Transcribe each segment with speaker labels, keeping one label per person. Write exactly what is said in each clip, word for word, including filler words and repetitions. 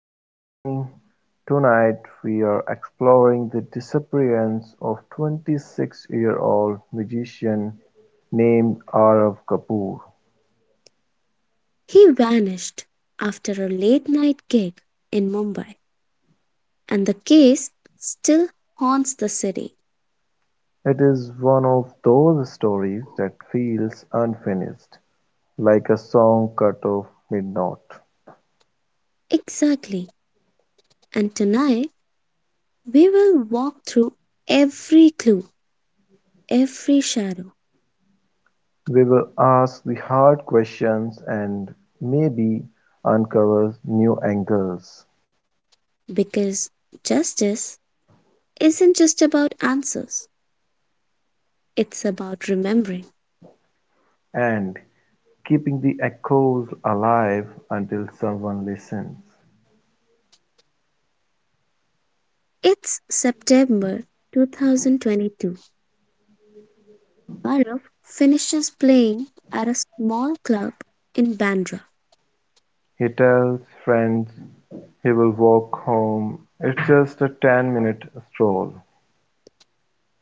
Speaker 1: I'm Sunny. Tonight we're exploring the disappearance of twenty-six-year-old magician named Arav Kapoor.
Speaker 2: He vanished after a late night gig in Mumbai, and the case still haunts the city.
Speaker 1: It is one of those stories that feels unfinished, like a song cut off mid-note.
Speaker 2: Exactly. And tonight we will walk through every clue, every shadow,
Speaker 1: We will ask the hard questions and maybe uncover new angles
Speaker 2: because justice isn't just about answers, it's about remembering.
Speaker 1: and keeping the echoes alive until someone listens.
Speaker 2: It's September two thousand twenty-two. Arif finishes playing at a small club in Bandra.
Speaker 1: He tells friends he will walk home, it's just a ten-minute stroll.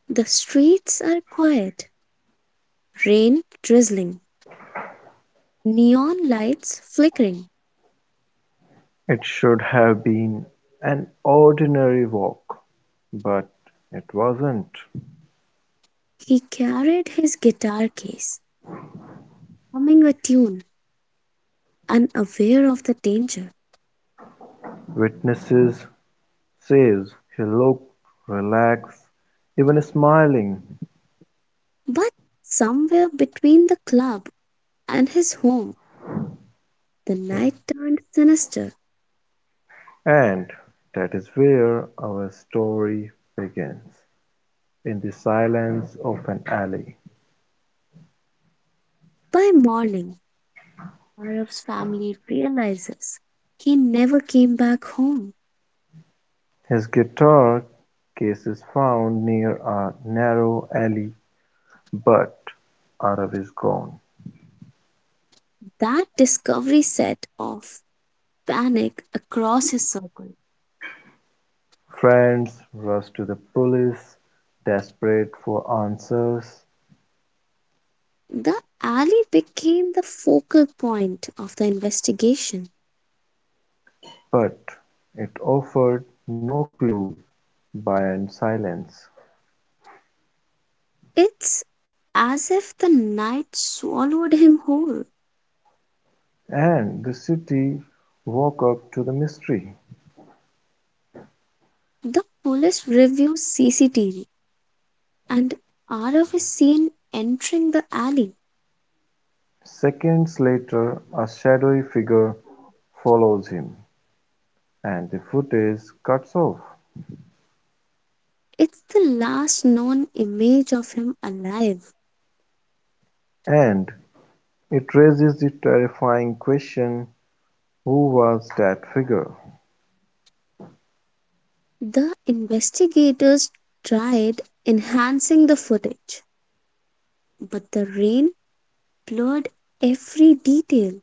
Speaker 2: The streets are quiet, rain drizzling, neon lights flickering.
Speaker 1: It should have been an ordinary walk, but it wasn't.
Speaker 2: He carried his guitar case, humming a tune, unaware of the danger.
Speaker 1: Witnesses says he looked relaxed, even smiling.
Speaker 2: But somewhere between the club and his home, the night turned sinister.
Speaker 1: And that is where our story begins, in the silence of an alley.
Speaker 2: By morning, Arif's family realizes he never came back home.
Speaker 1: His guitar case is found near a narrow alley. But Arab is gone.
Speaker 2: That discovery set off panic across his circle.
Speaker 1: Friends rush to the police, desperate for answers,
Speaker 2: The alley became the focal point of the investigation.
Speaker 1: but it offered no clue, beyond silence,
Speaker 2: It's as if the night swallowed him whole.
Speaker 1: and the city woke up to the mystery.
Speaker 2: The police reviews C C T V and Arav is seen entering the alley.
Speaker 1: Seconds later, a shadowy figure follows him, and the footage cuts off.
Speaker 2: It's the last known image of him alive.
Speaker 1: And it raises the terrifying question, who was that figure?
Speaker 2: The investigators tried enhancing the footage, but the rain blurred every detail.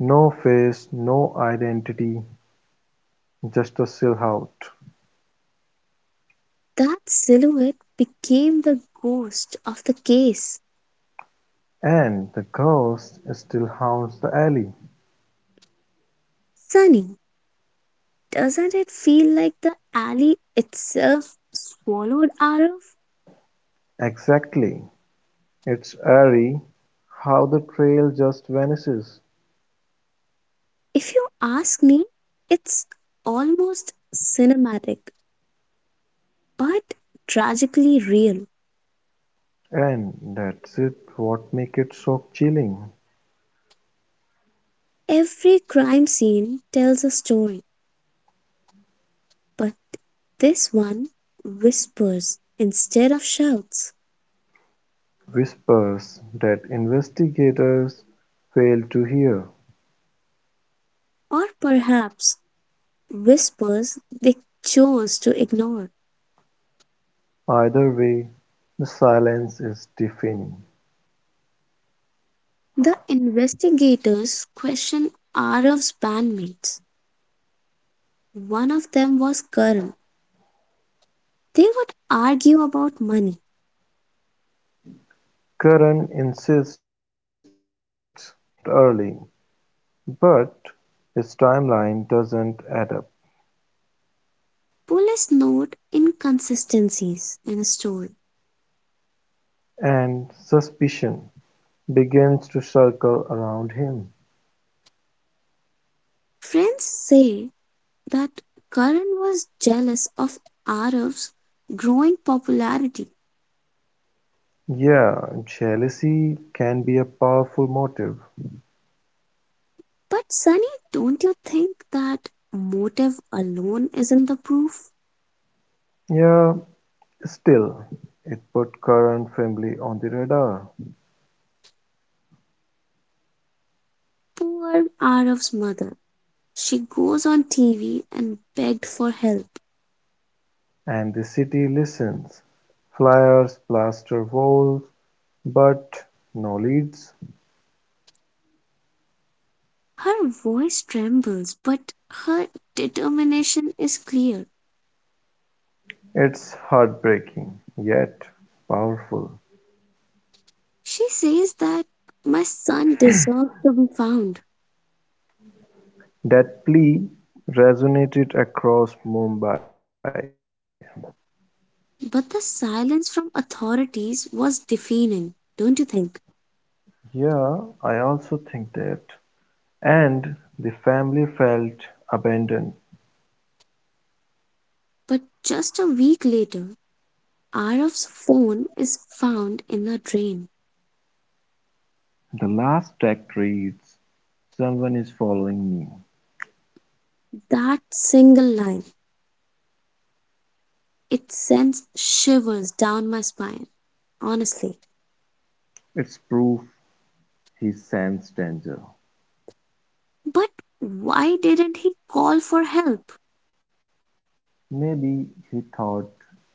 Speaker 1: No face, no identity, just a silhouette.
Speaker 2: That silhouette became the ghost of the case.
Speaker 1: And the ghost still haunts the alley.
Speaker 2: Sunny, doesn't it feel like the alley itself swallowed Arif?
Speaker 1: Exactly. It's eerie how the trail just vanishes.
Speaker 2: If you ask me, it's almost cinematic but tragically real.
Speaker 1: And that's it what makes it so chilling.
Speaker 2: Every crime scene tells a story, but this one whispers instead of shouts,
Speaker 1: Whispers that investigators fail to hear.
Speaker 2: or perhaps whispers they chose to ignore.
Speaker 1: Either way, the silence is deafening.
Speaker 2: The investigators questioned Araf's bandmates. One of them was Karan. They would argue about money.
Speaker 1: Curran insists he left early. But his timeline doesn't add up,
Speaker 2: Police note inconsistencies in a story.
Speaker 1: and suspicion begins to circle around him.
Speaker 2: Friends say that Karan was jealous of Araf's growing popularity.
Speaker 1: Yeah, jealousy can be a powerful motive.
Speaker 2: But Sunny, don't you think that motive alone isn't the proof?
Speaker 1: Yeah, still, it put current family on the radar,
Speaker 2: Poor Araf's mother. She goes on T V and begged for help.
Speaker 1: and the city listens. Flyers plaster walls, but no leads.
Speaker 2: Her voice trembles, but her determination is clear.
Speaker 1: It's heartbreaking, yet powerful.
Speaker 2: She says that my son deserves to be found.
Speaker 1: That plea resonated across Mumbai.
Speaker 2: But the silence from authorities was deafening, don't you think?
Speaker 1: Yeah, I also think that. And the family felt abandoned.
Speaker 2: But just a week later, Araf's phone is found in a drain.
Speaker 1: The last text reads, someone is following me.
Speaker 2: That single line, it sends shivers down my spine, honestly.
Speaker 1: It's proof he sensed danger.
Speaker 2: But why didn't he call for help?
Speaker 1: Maybe he thought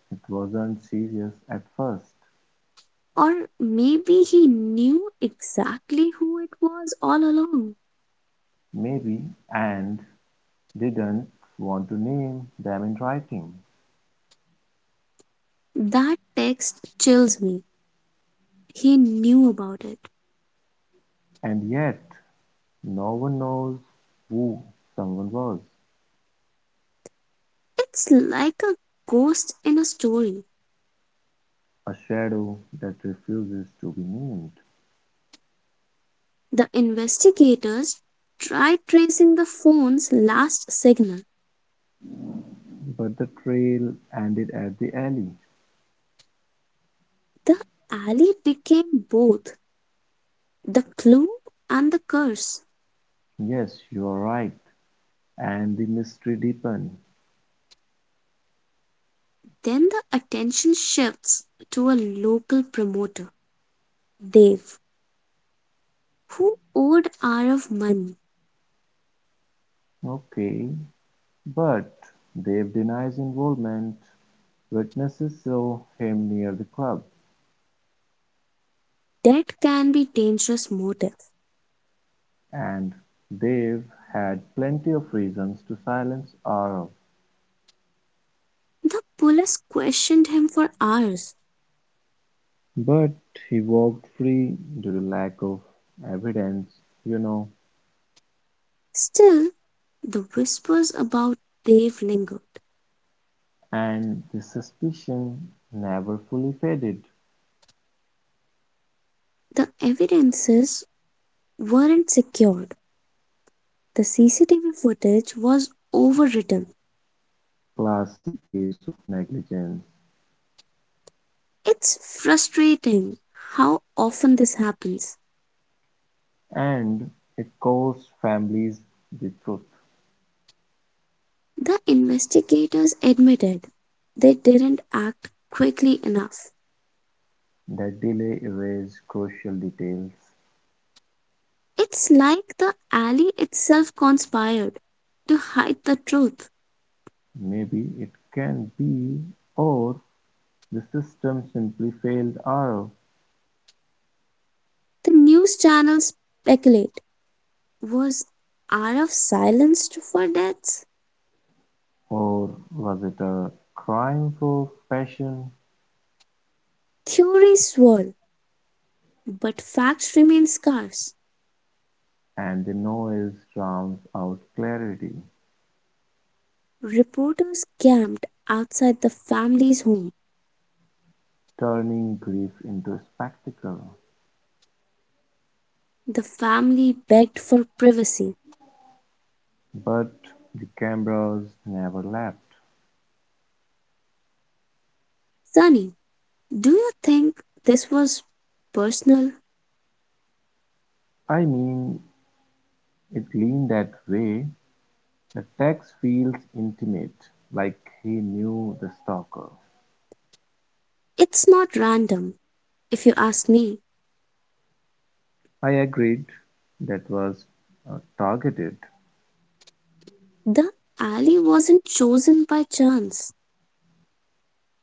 Speaker 1: it wasn't serious at first.
Speaker 2: Or maybe he knew exactly who it was all along.
Speaker 1: Maybe, and didn't want to name them in writing.
Speaker 2: That text chills me. He knew about it.
Speaker 1: And yet, no one knows who someone was.
Speaker 2: It's like a ghost in a story.
Speaker 1: A shadow that refuses to be named.
Speaker 2: The investigators tried tracing the phone's last signal.
Speaker 1: But the trail ended at the alley.
Speaker 2: The alley became both the clue and the curse.
Speaker 1: Yes, you're right. And the mystery deepened.
Speaker 2: Then the attention shifts to a local promoter, Dave, who owed Arav money.
Speaker 1: Okay, but Dave denies involvement. Witnesses saw him near the club,
Speaker 2: That can be dangerous motive.
Speaker 1: and Dave had plenty of reasons to silence Arrow.
Speaker 2: The police questioned him for hours.
Speaker 1: But he walked free due to lack of evidence, you know,
Speaker 2: Still, the whispers about Dave lingered.
Speaker 1: and the suspicion never fully faded.
Speaker 2: The evidences weren't secured. The C C T V footage was overwritten.
Speaker 1: Classic case of negligence.
Speaker 2: It's frustrating how often this happens.
Speaker 1: And it costs families the truth
Speaker 2: The investigators admitted they didn't act quickly enough.
Speaker 1: that delay erases crucial details.
Speaker 2: It's like the alley itself conspired to hide the truth.
Speaker 1: Maybe it can be, or the system simply failed her,
Speaker 2: The news channels speculate was Araf silenced for deaths?
Speaker 1: or was it a crime for passion?
Speaker 2: Theories swirl, but facts remain scarce.
Speaker 1: And the noise drowns out clarity,
Speaker 2: Reporters camped outside the family's home.
Speaker 1: turning grief into a spectacle.
Speaker 2: The family begged for privacy.
Speaker 1: But the cameras never left.
Speaker 2: Sunny, do you think this was personal?
Speaker 1: I mean, it leaned that way. The text feels intimate, like he knew the stalker.
Speaker 2: It's not random, if you ask me.
Speaker 1: I agreed. That was uh, targeted.
Speaker 2: The alley wasn't chosen by chance,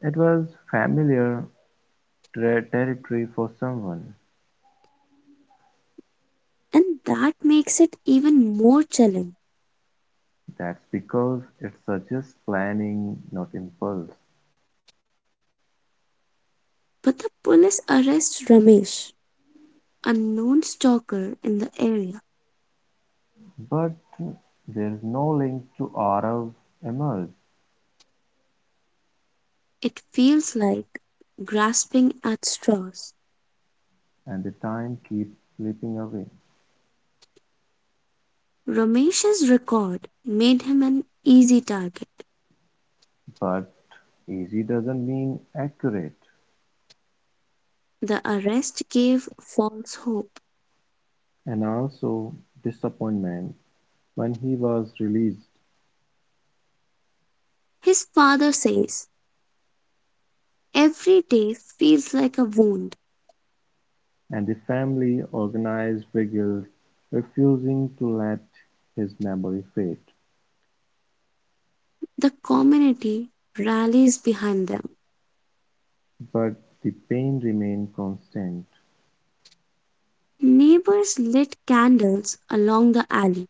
Speaker 1: It was familiar ter- territory for someone.
Speaker 2: and that makes it even more chilling.
Speaker 1: That's because it suggests planning, not impulse.
Speaker 2: But the police arrest Ramesh, unknown stalker in the area.
Speaker 1: But there's no link to Aurav emerge,
Speaker 2: It feels like grasping at straws.
Speaker 1: and the time keeps slipping away.
Speaker 2: Ramesh's record made him an easy target.
Speaker 1: But easy doesn't mean accurate.
Speaker 2: The arrest gave false hope.
Speaker 1: And also disappointment when he was released.
Speaker 2: His father says, every day feels like a wound.
Speaker 1: And the family organized revolt, refusing to let his memory fade.
Speaker 2: The community rallies behind them.
Speaker 1: But the pain remained constant,
Speaker 2: Neighbors lit candles along the alley.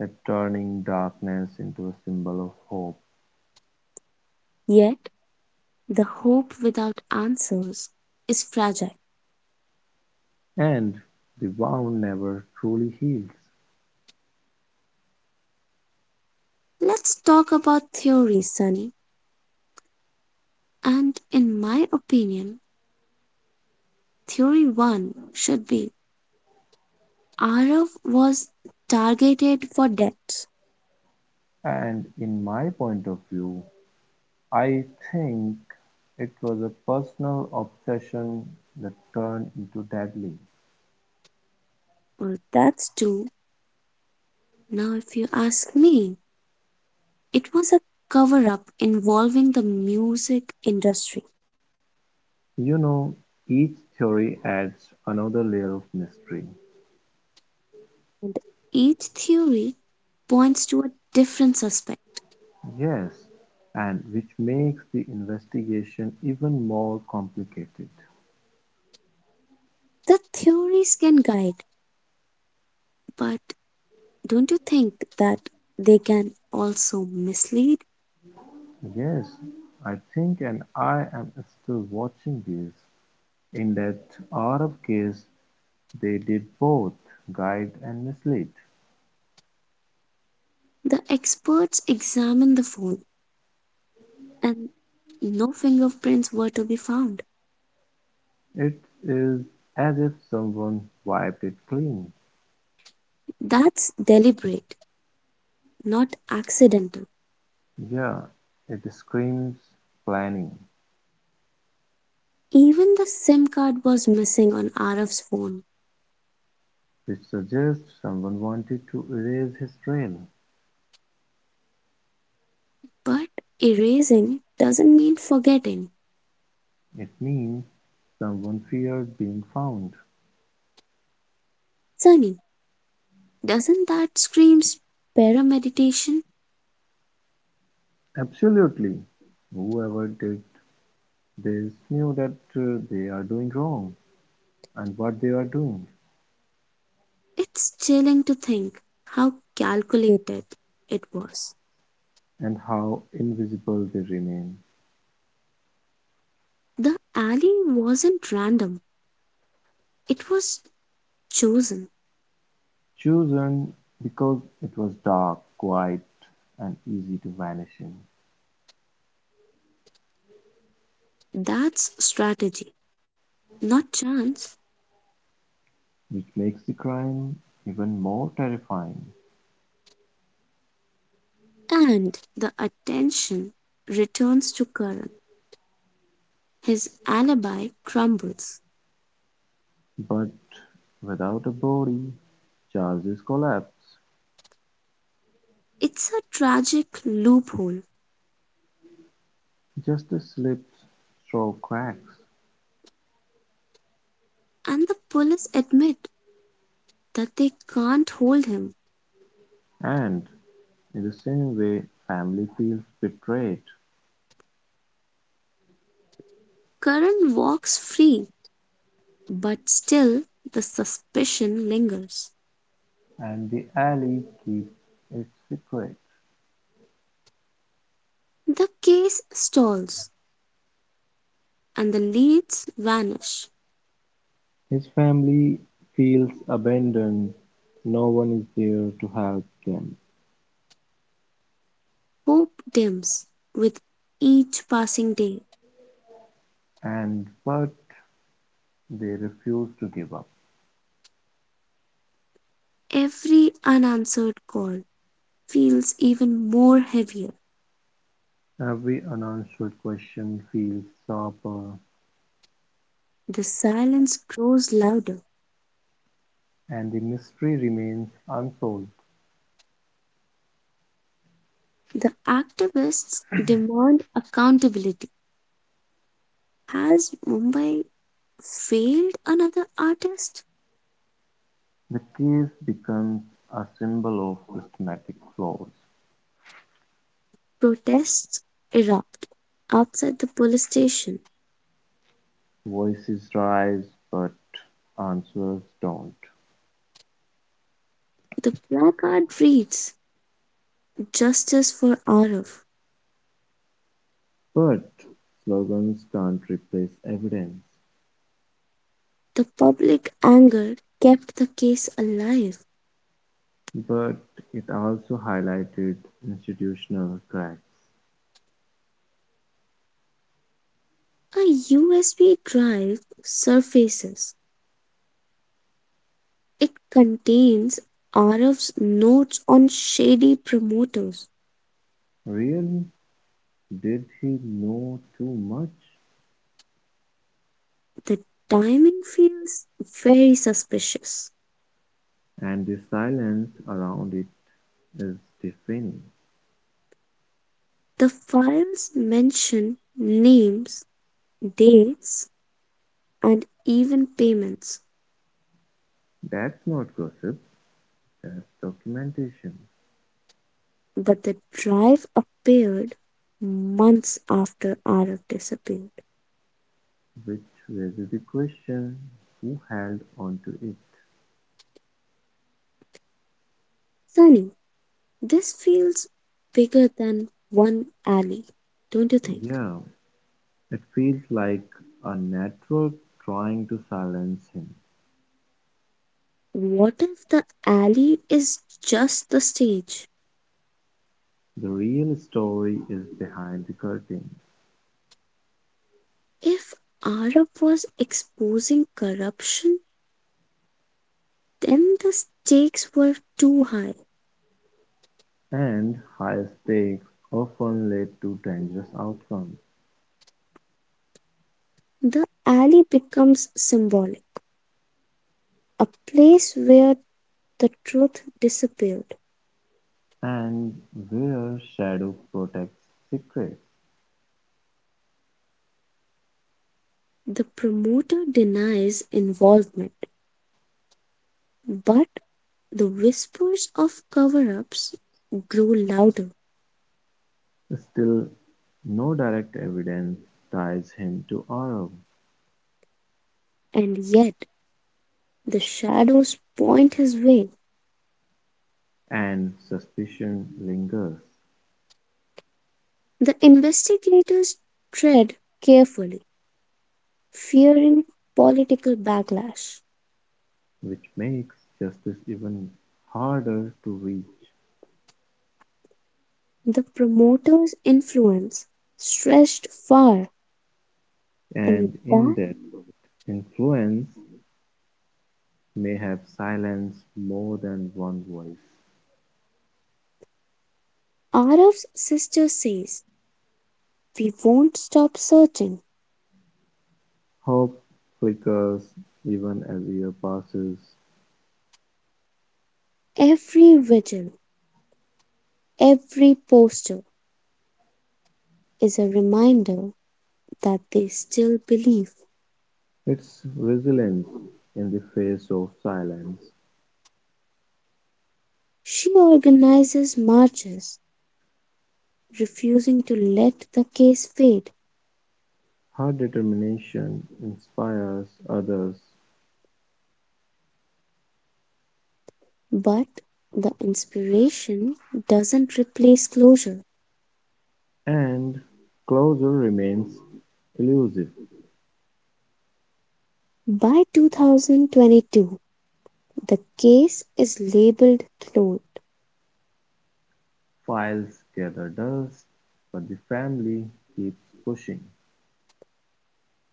Speaker 1: that turning darkness into a symbol of hope.
Speaker 2: Yet, the hope without answers is fragile.
Speaker 1: And the wound never truly heals.
Speaker 2: Let's talk about theories, Sunny. And in my opinion, theory one should be Arav was targeted for debts.
Speaker 1: And in my point of view, I think it was a personal obsession that turned into deadly.
Speaker 2: Well, that's two. Now, if you ask me, it was a cover up involving the music industry.
Speaker 1: You know, each theory adds another layer of mystery.
Speaker 2: And each theory points to a different suspect.
Speaker 1: Yes, and which makes the investigation even more complicated.
Speaker 2: The theories can guide, but don't you think that they can also mislead?
Speaker 1: Yes, I think and I am still watching this. In that Arab case, they did both guide and mislead.
Speaker 2: The experts examine the phone and no fingerprints were to be found.
Speaker 1: It is as if someone wiped it clean.
Speaker 2: That's deliberate, not accidental.
Speaker 1: Yeah, it screams planning,
Speaker 2: Even the SIM card was missing on Araf's phone.
Speaker 1: which suggests someone wanted to erase his trail.
Speaker 2: But erasing doesn't mean forgetting.
Speaker 1: It means someone feared being found.
Speaker 2: Sunny, doesn't that scream parameditation?
Speaker 1: Absolutely. Whoever did this knew that uh, they are doing wrong, and what they are doing,
Speaker 2: It's chilling to think how calculated it was.
Speaker 1: and how invisible they remain.
Speaker 2: The alley wasn't random, it was chosen.
Speaker 1: Chosen because it was dark, quiet, and easy to vanish in,
Speaker 2: That's strategy, not chance.
Speaker 1: which makes the crime even more terrifying.
Speaker 2: And the attention returns to Karan. His alibi crumbles.
Speaker 1: But without a body, charges collapse.
Speaker 2: It's a tragic loophole,
Speaker 1: Justice slips through cracks,
Speaker 2: and the police admit that they can't hold him.
Speaker 1: and in the same way, family feels betrayed.
Speaker 2: Karan walks free, but still the suspicion lingers.
Speaker 1: And the alley keeps it secret.
Speaker 2: The case stalls, and the leads vanish.
Speaker 1: His family feels abandoned, no one is there to help them.
Speaker 2: Hope dims with each passing day.
Speaker 1: And but they refuse to give up.
Speaker 2: Every unanswered call feels even more heavier.
Speaker 1: Every unanswered question feels sharper,
Speaker 2: The silence grows louder.
Speaker 1: and the mystery remains unsolved.
Speaker 2: The activists demand accountability. Has Mumbai failed another artist?
Speaker 1: The case becomes a symbol of systematic flaws.
Speaker 2: Protests erupt outside the police station.
Speaker 1: Voices rise, but answers don't.
Speaker 2: The placard reads Justice for Arif.
Speaker 1: But slogans can't replace evidence.
Speaker 2: The public anger kept the case alive.
Speaker 1: But it also highlighted institutional cracks.
Speaker 2: A U S B drive surfaces. It contains Arif's notes on shady promoters.
Speaker 1: Really, did he know too much?
Speaker 2: The timing feels very suspicious.
Speaker 1: And the silence around it is deafening.
Speaker 2: The files mention names, dates, and even payments,
Speaker 1: That's not gossip, that's documentation,
Speaker 2: but the drive appeared months after Arif disappeared.
Speaker 1: which raises the question who held onto it.
Speaker 2: Sunny, this feels bigger than one alley, don't you think?
Speaker 1: Yeah, it feels like a network trying to silence him.
Speaker 2: What if the alley is just the stage?
Speaker 1: The real story is behind the curtain.
Speaker 2: If Arab was exposing corruption, then the stakes were too high.
Speaker 1: And high stakes often lead to dangerous outcomes,
Speaker 2: The alley becomes symbolic, a place where the truth disappeared.
Speaker 1: and where shadow protects secrets,
Speaker 2: The promoter denies involvement, but the whispers of cover ups grow louder,
Speaker 1: still no direct evidence ties him to Arrow,
Speaker 2: and yet the shadows point his way.
Speaker 1: and suspicion lingers,
Speaker 2: The investigators tread carefully, fearing political backlash.
Speaker 1: which makes justice even harder to reach.
Speaker 2: The promoter's influence stretched far, and
Speaker 1: And in
Speaker 2: that
Speaker 1: that influence may have silenced more than one voice.
Speaker 2: Araf's sister says we won't stop searching.
Speaker 1: Hope flickers even as year passes.
Speaker 2: Every vigil, every poster is a reminder that they still believe.
Speaker 1: Its resilience in the face of silence,
Speaker 2: She organizes marches, refusing to let the case fade,
Speaker 1: her determination inspires others,
Speaker 2: but the inspiration doesn't replace closure.
Speaker 1: and closure remains elusive.
Speaker 2: By two thousand twenty-two, the case is labeled closed.
Speaker 1: Files gather dust, but the family keeps pushing.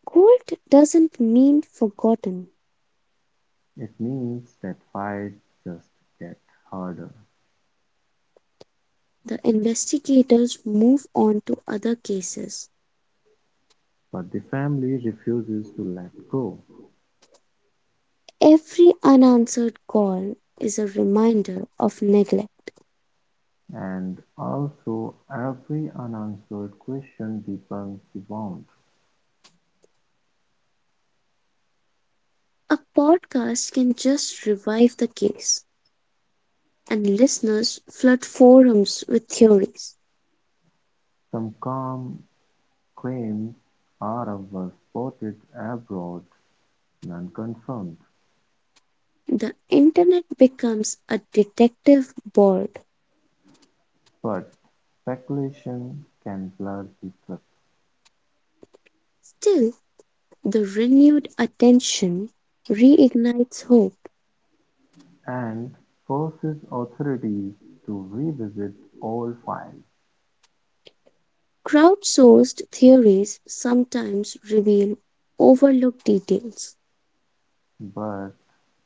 Speaker 2: Cold doesn't mean forgotten.
Speaker 1: It means that fights just get harder,
Speaker 2: The investigators move on to other cases.
Speaker 1: but the family refuses to let go.
Speaker 2: Every unanswered call is a reminder of neglect.
Speaker 1: And also, every unanswered question deepens the bond.
Speaker 2: A podcast can just revive the case, and listeners flood forums with theories.
Speaker 1: Some calm claims Aram was spotted abroad, none confirmed,
Speaker 2: The internet becomes a detective board.
Speaker 1: but speculation can blur the truth,
Speaker 2: Still, the renewed attention reignites hope.
Speaker 1: and forces authorities to revisit old files,
Speaker 2: Crowdsourced theories sometimes reveal overlooked details.
Speaker 1: but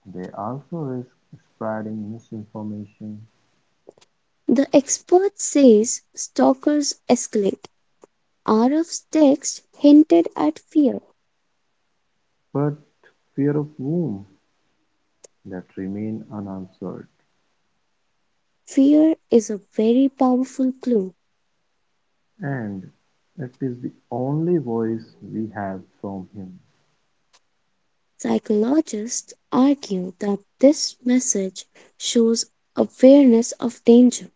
Speaker 1: they also risk spreading misinformation.
Speaker 2: The expert says stalkers escalate. Araf's text hinted at fear.
Speaker 1: But fear of whom? That remain unanswered,
Speaker 2: Fear is a very powerful clue.
Speaker 1: and it is the only voice we have from him.
Speaker 2: Psychologists argue that this message shows awareness of danger.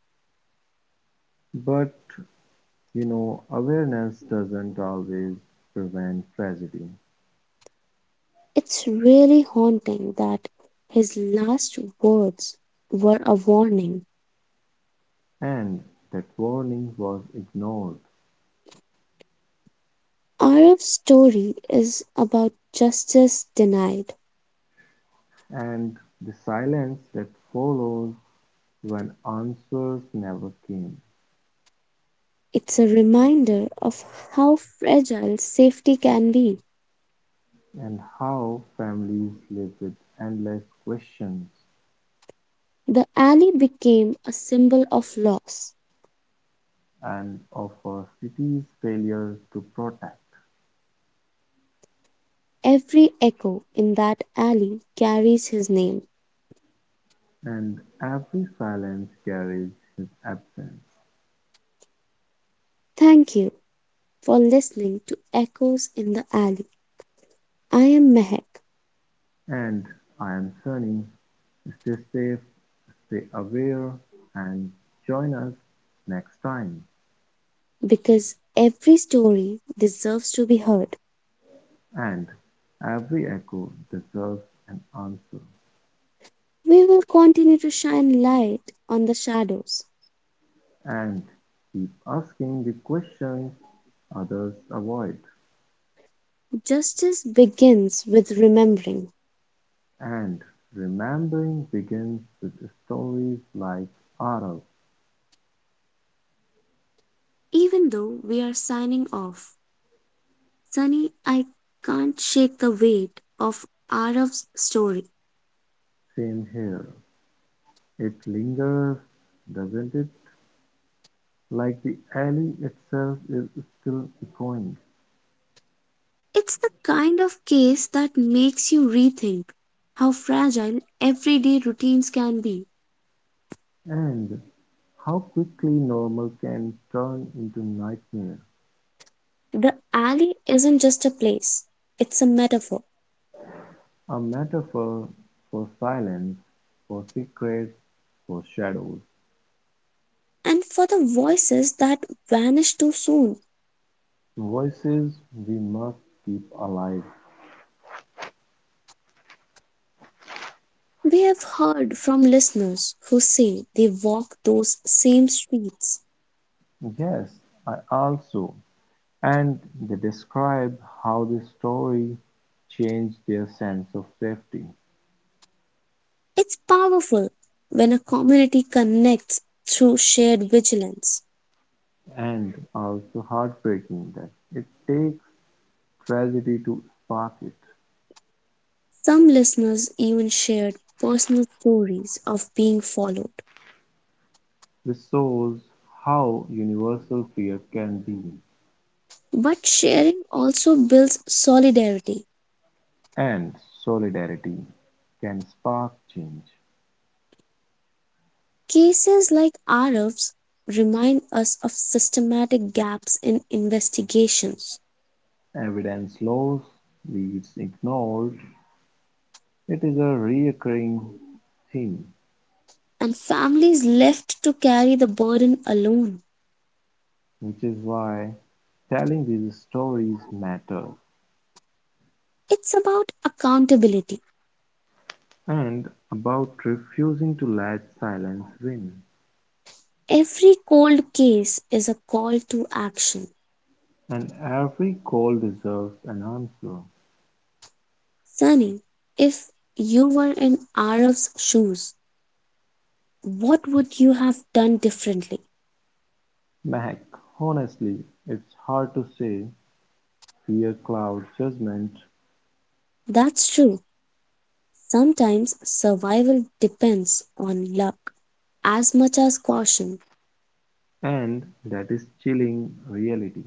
Speaker 1: But You know, awareness doesn't always prevent tragedy,
Speaker 2: It's really haunting that his last words were a warning.
Speaker 1: and that warning was ignored,
Speaker 2: Araf's story is about justice denied.
Speaker 1: and the silence that follows when answers never came,
Speaker 2: It's a reminder of how fragile safety can be.
Speaker 1: and how families live with endless questions
Speaker 2: The alley became a symbol of loss.
Speaker 1: and of our city's failure to protect,
Speaker 2: Every echo in that alley carries his name.
Speaker 1: and every silence carries his absence.
Speaker 2: Thank you for listening to Echoes in the Alley. I am Mehak,
Speaker 1: And I am Sunny. Stay safe, stay aware, and join us next time.
Speaker 2: because every story deserves to be heard.
Speaker 1: And every echo deserves an answer.
Speaker 2: We will continue to shine light on the shadows.
Speaker 1: And keep asking the questions others avoid.
Speaker 2: Justice begins with remembering.
Speaker 1: And remembering begins with stories like ours.
Speaker 2: Even though we are signing off, Sunny, I can't shake the weight of Araf's story.
Speaker 1: Same here. It lingers, doesn't it? Like the alley itself is still echoing.
Speaker 2: It's the kind of case that makes you rethink how fragile everyday routines can be.
Speaker 1: And how quickly normal can turn into nightmare,
Speaker 2: The alley isn't just a place, it's a metaphor.
Speaker 1: a metaphor for silence, for secrets, for shadows,
Speaker 2: And for the voices that vanish too soon,
Speaker 1: voices we must keep alive.
Speaker 2: we have heard from listeners who say they walk those same streets.
Speaker 1: Yes, I also. And they describe how the story changed their sense of safety.
Speaker 2: It's powerful when a community connects through shared vigilance.
Speaker 1: And also heartbreaking that it takes tragedy to spark it.
Speaker 2: Some listeners even shared personal stories of being followed.
Speaker 1: This shows how universal fear can be,
Speaker 2: But sharing also builds solidarity.
Speaker 1: and solidarity can spark change.
Speaker 2: Cases like Araf's remind us of systematic gaps in investigations,
Speaker 1: Evidence loss leaves ignored. It is a recurring theme,
Speaker 2: and families left to carry the burden alone.
Speaker 1: which is why telling these stories matters.
Speaker 2: It's about accountability.
Speaker 1: And about refusing to let silence win.
Speaker 2: Every cold case is a call to action.
Speaker 1: And every call deserves an answer.
Speaker 2: Sunny, if you were in Araf's shoes, what would you have done differently?
Speaker 1: Mehak, honestly, it's hard to say. Fear clouds judgment,
Speaker 2: That's true. Sometimes survival depends on luck as much as caution.
Speaker 1: and that is chilling reality,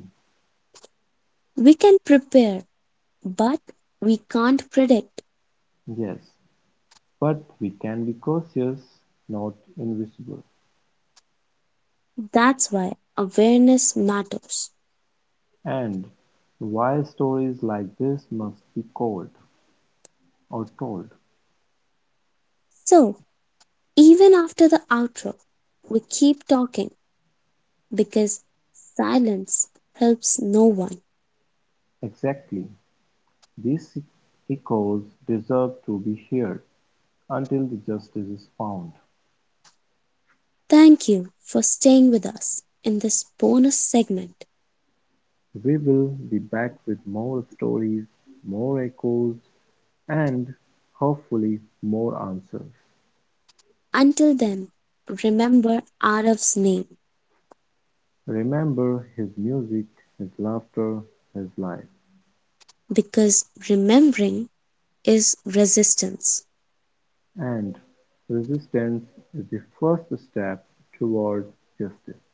Speaker 2: We can prepare, but we can't predict.
Speaker 1: yes, but we can be cautious, not invisible.
Speaker 2: That's why awareness matters.
Speaker 1: And why stories like this must be called or told?
Speaker 2: So, even after the outro, we keep talking because silence helps no one.
Speaker 1: Exactly. These echoes deserve to be heard until the justice is found.
Speaker 2: Thank you for staying with us in this bonus segment.
Speaker 1: We will be back with more stories, more echoes, and hopefully more answers.
Speaker 2: Until then, remember Araf's name
Speaker 1: Remember his music, his laughter, his life,
Speaker 2: because remembering is resistance.
Speaker 1: and resistance is the first step toward justice.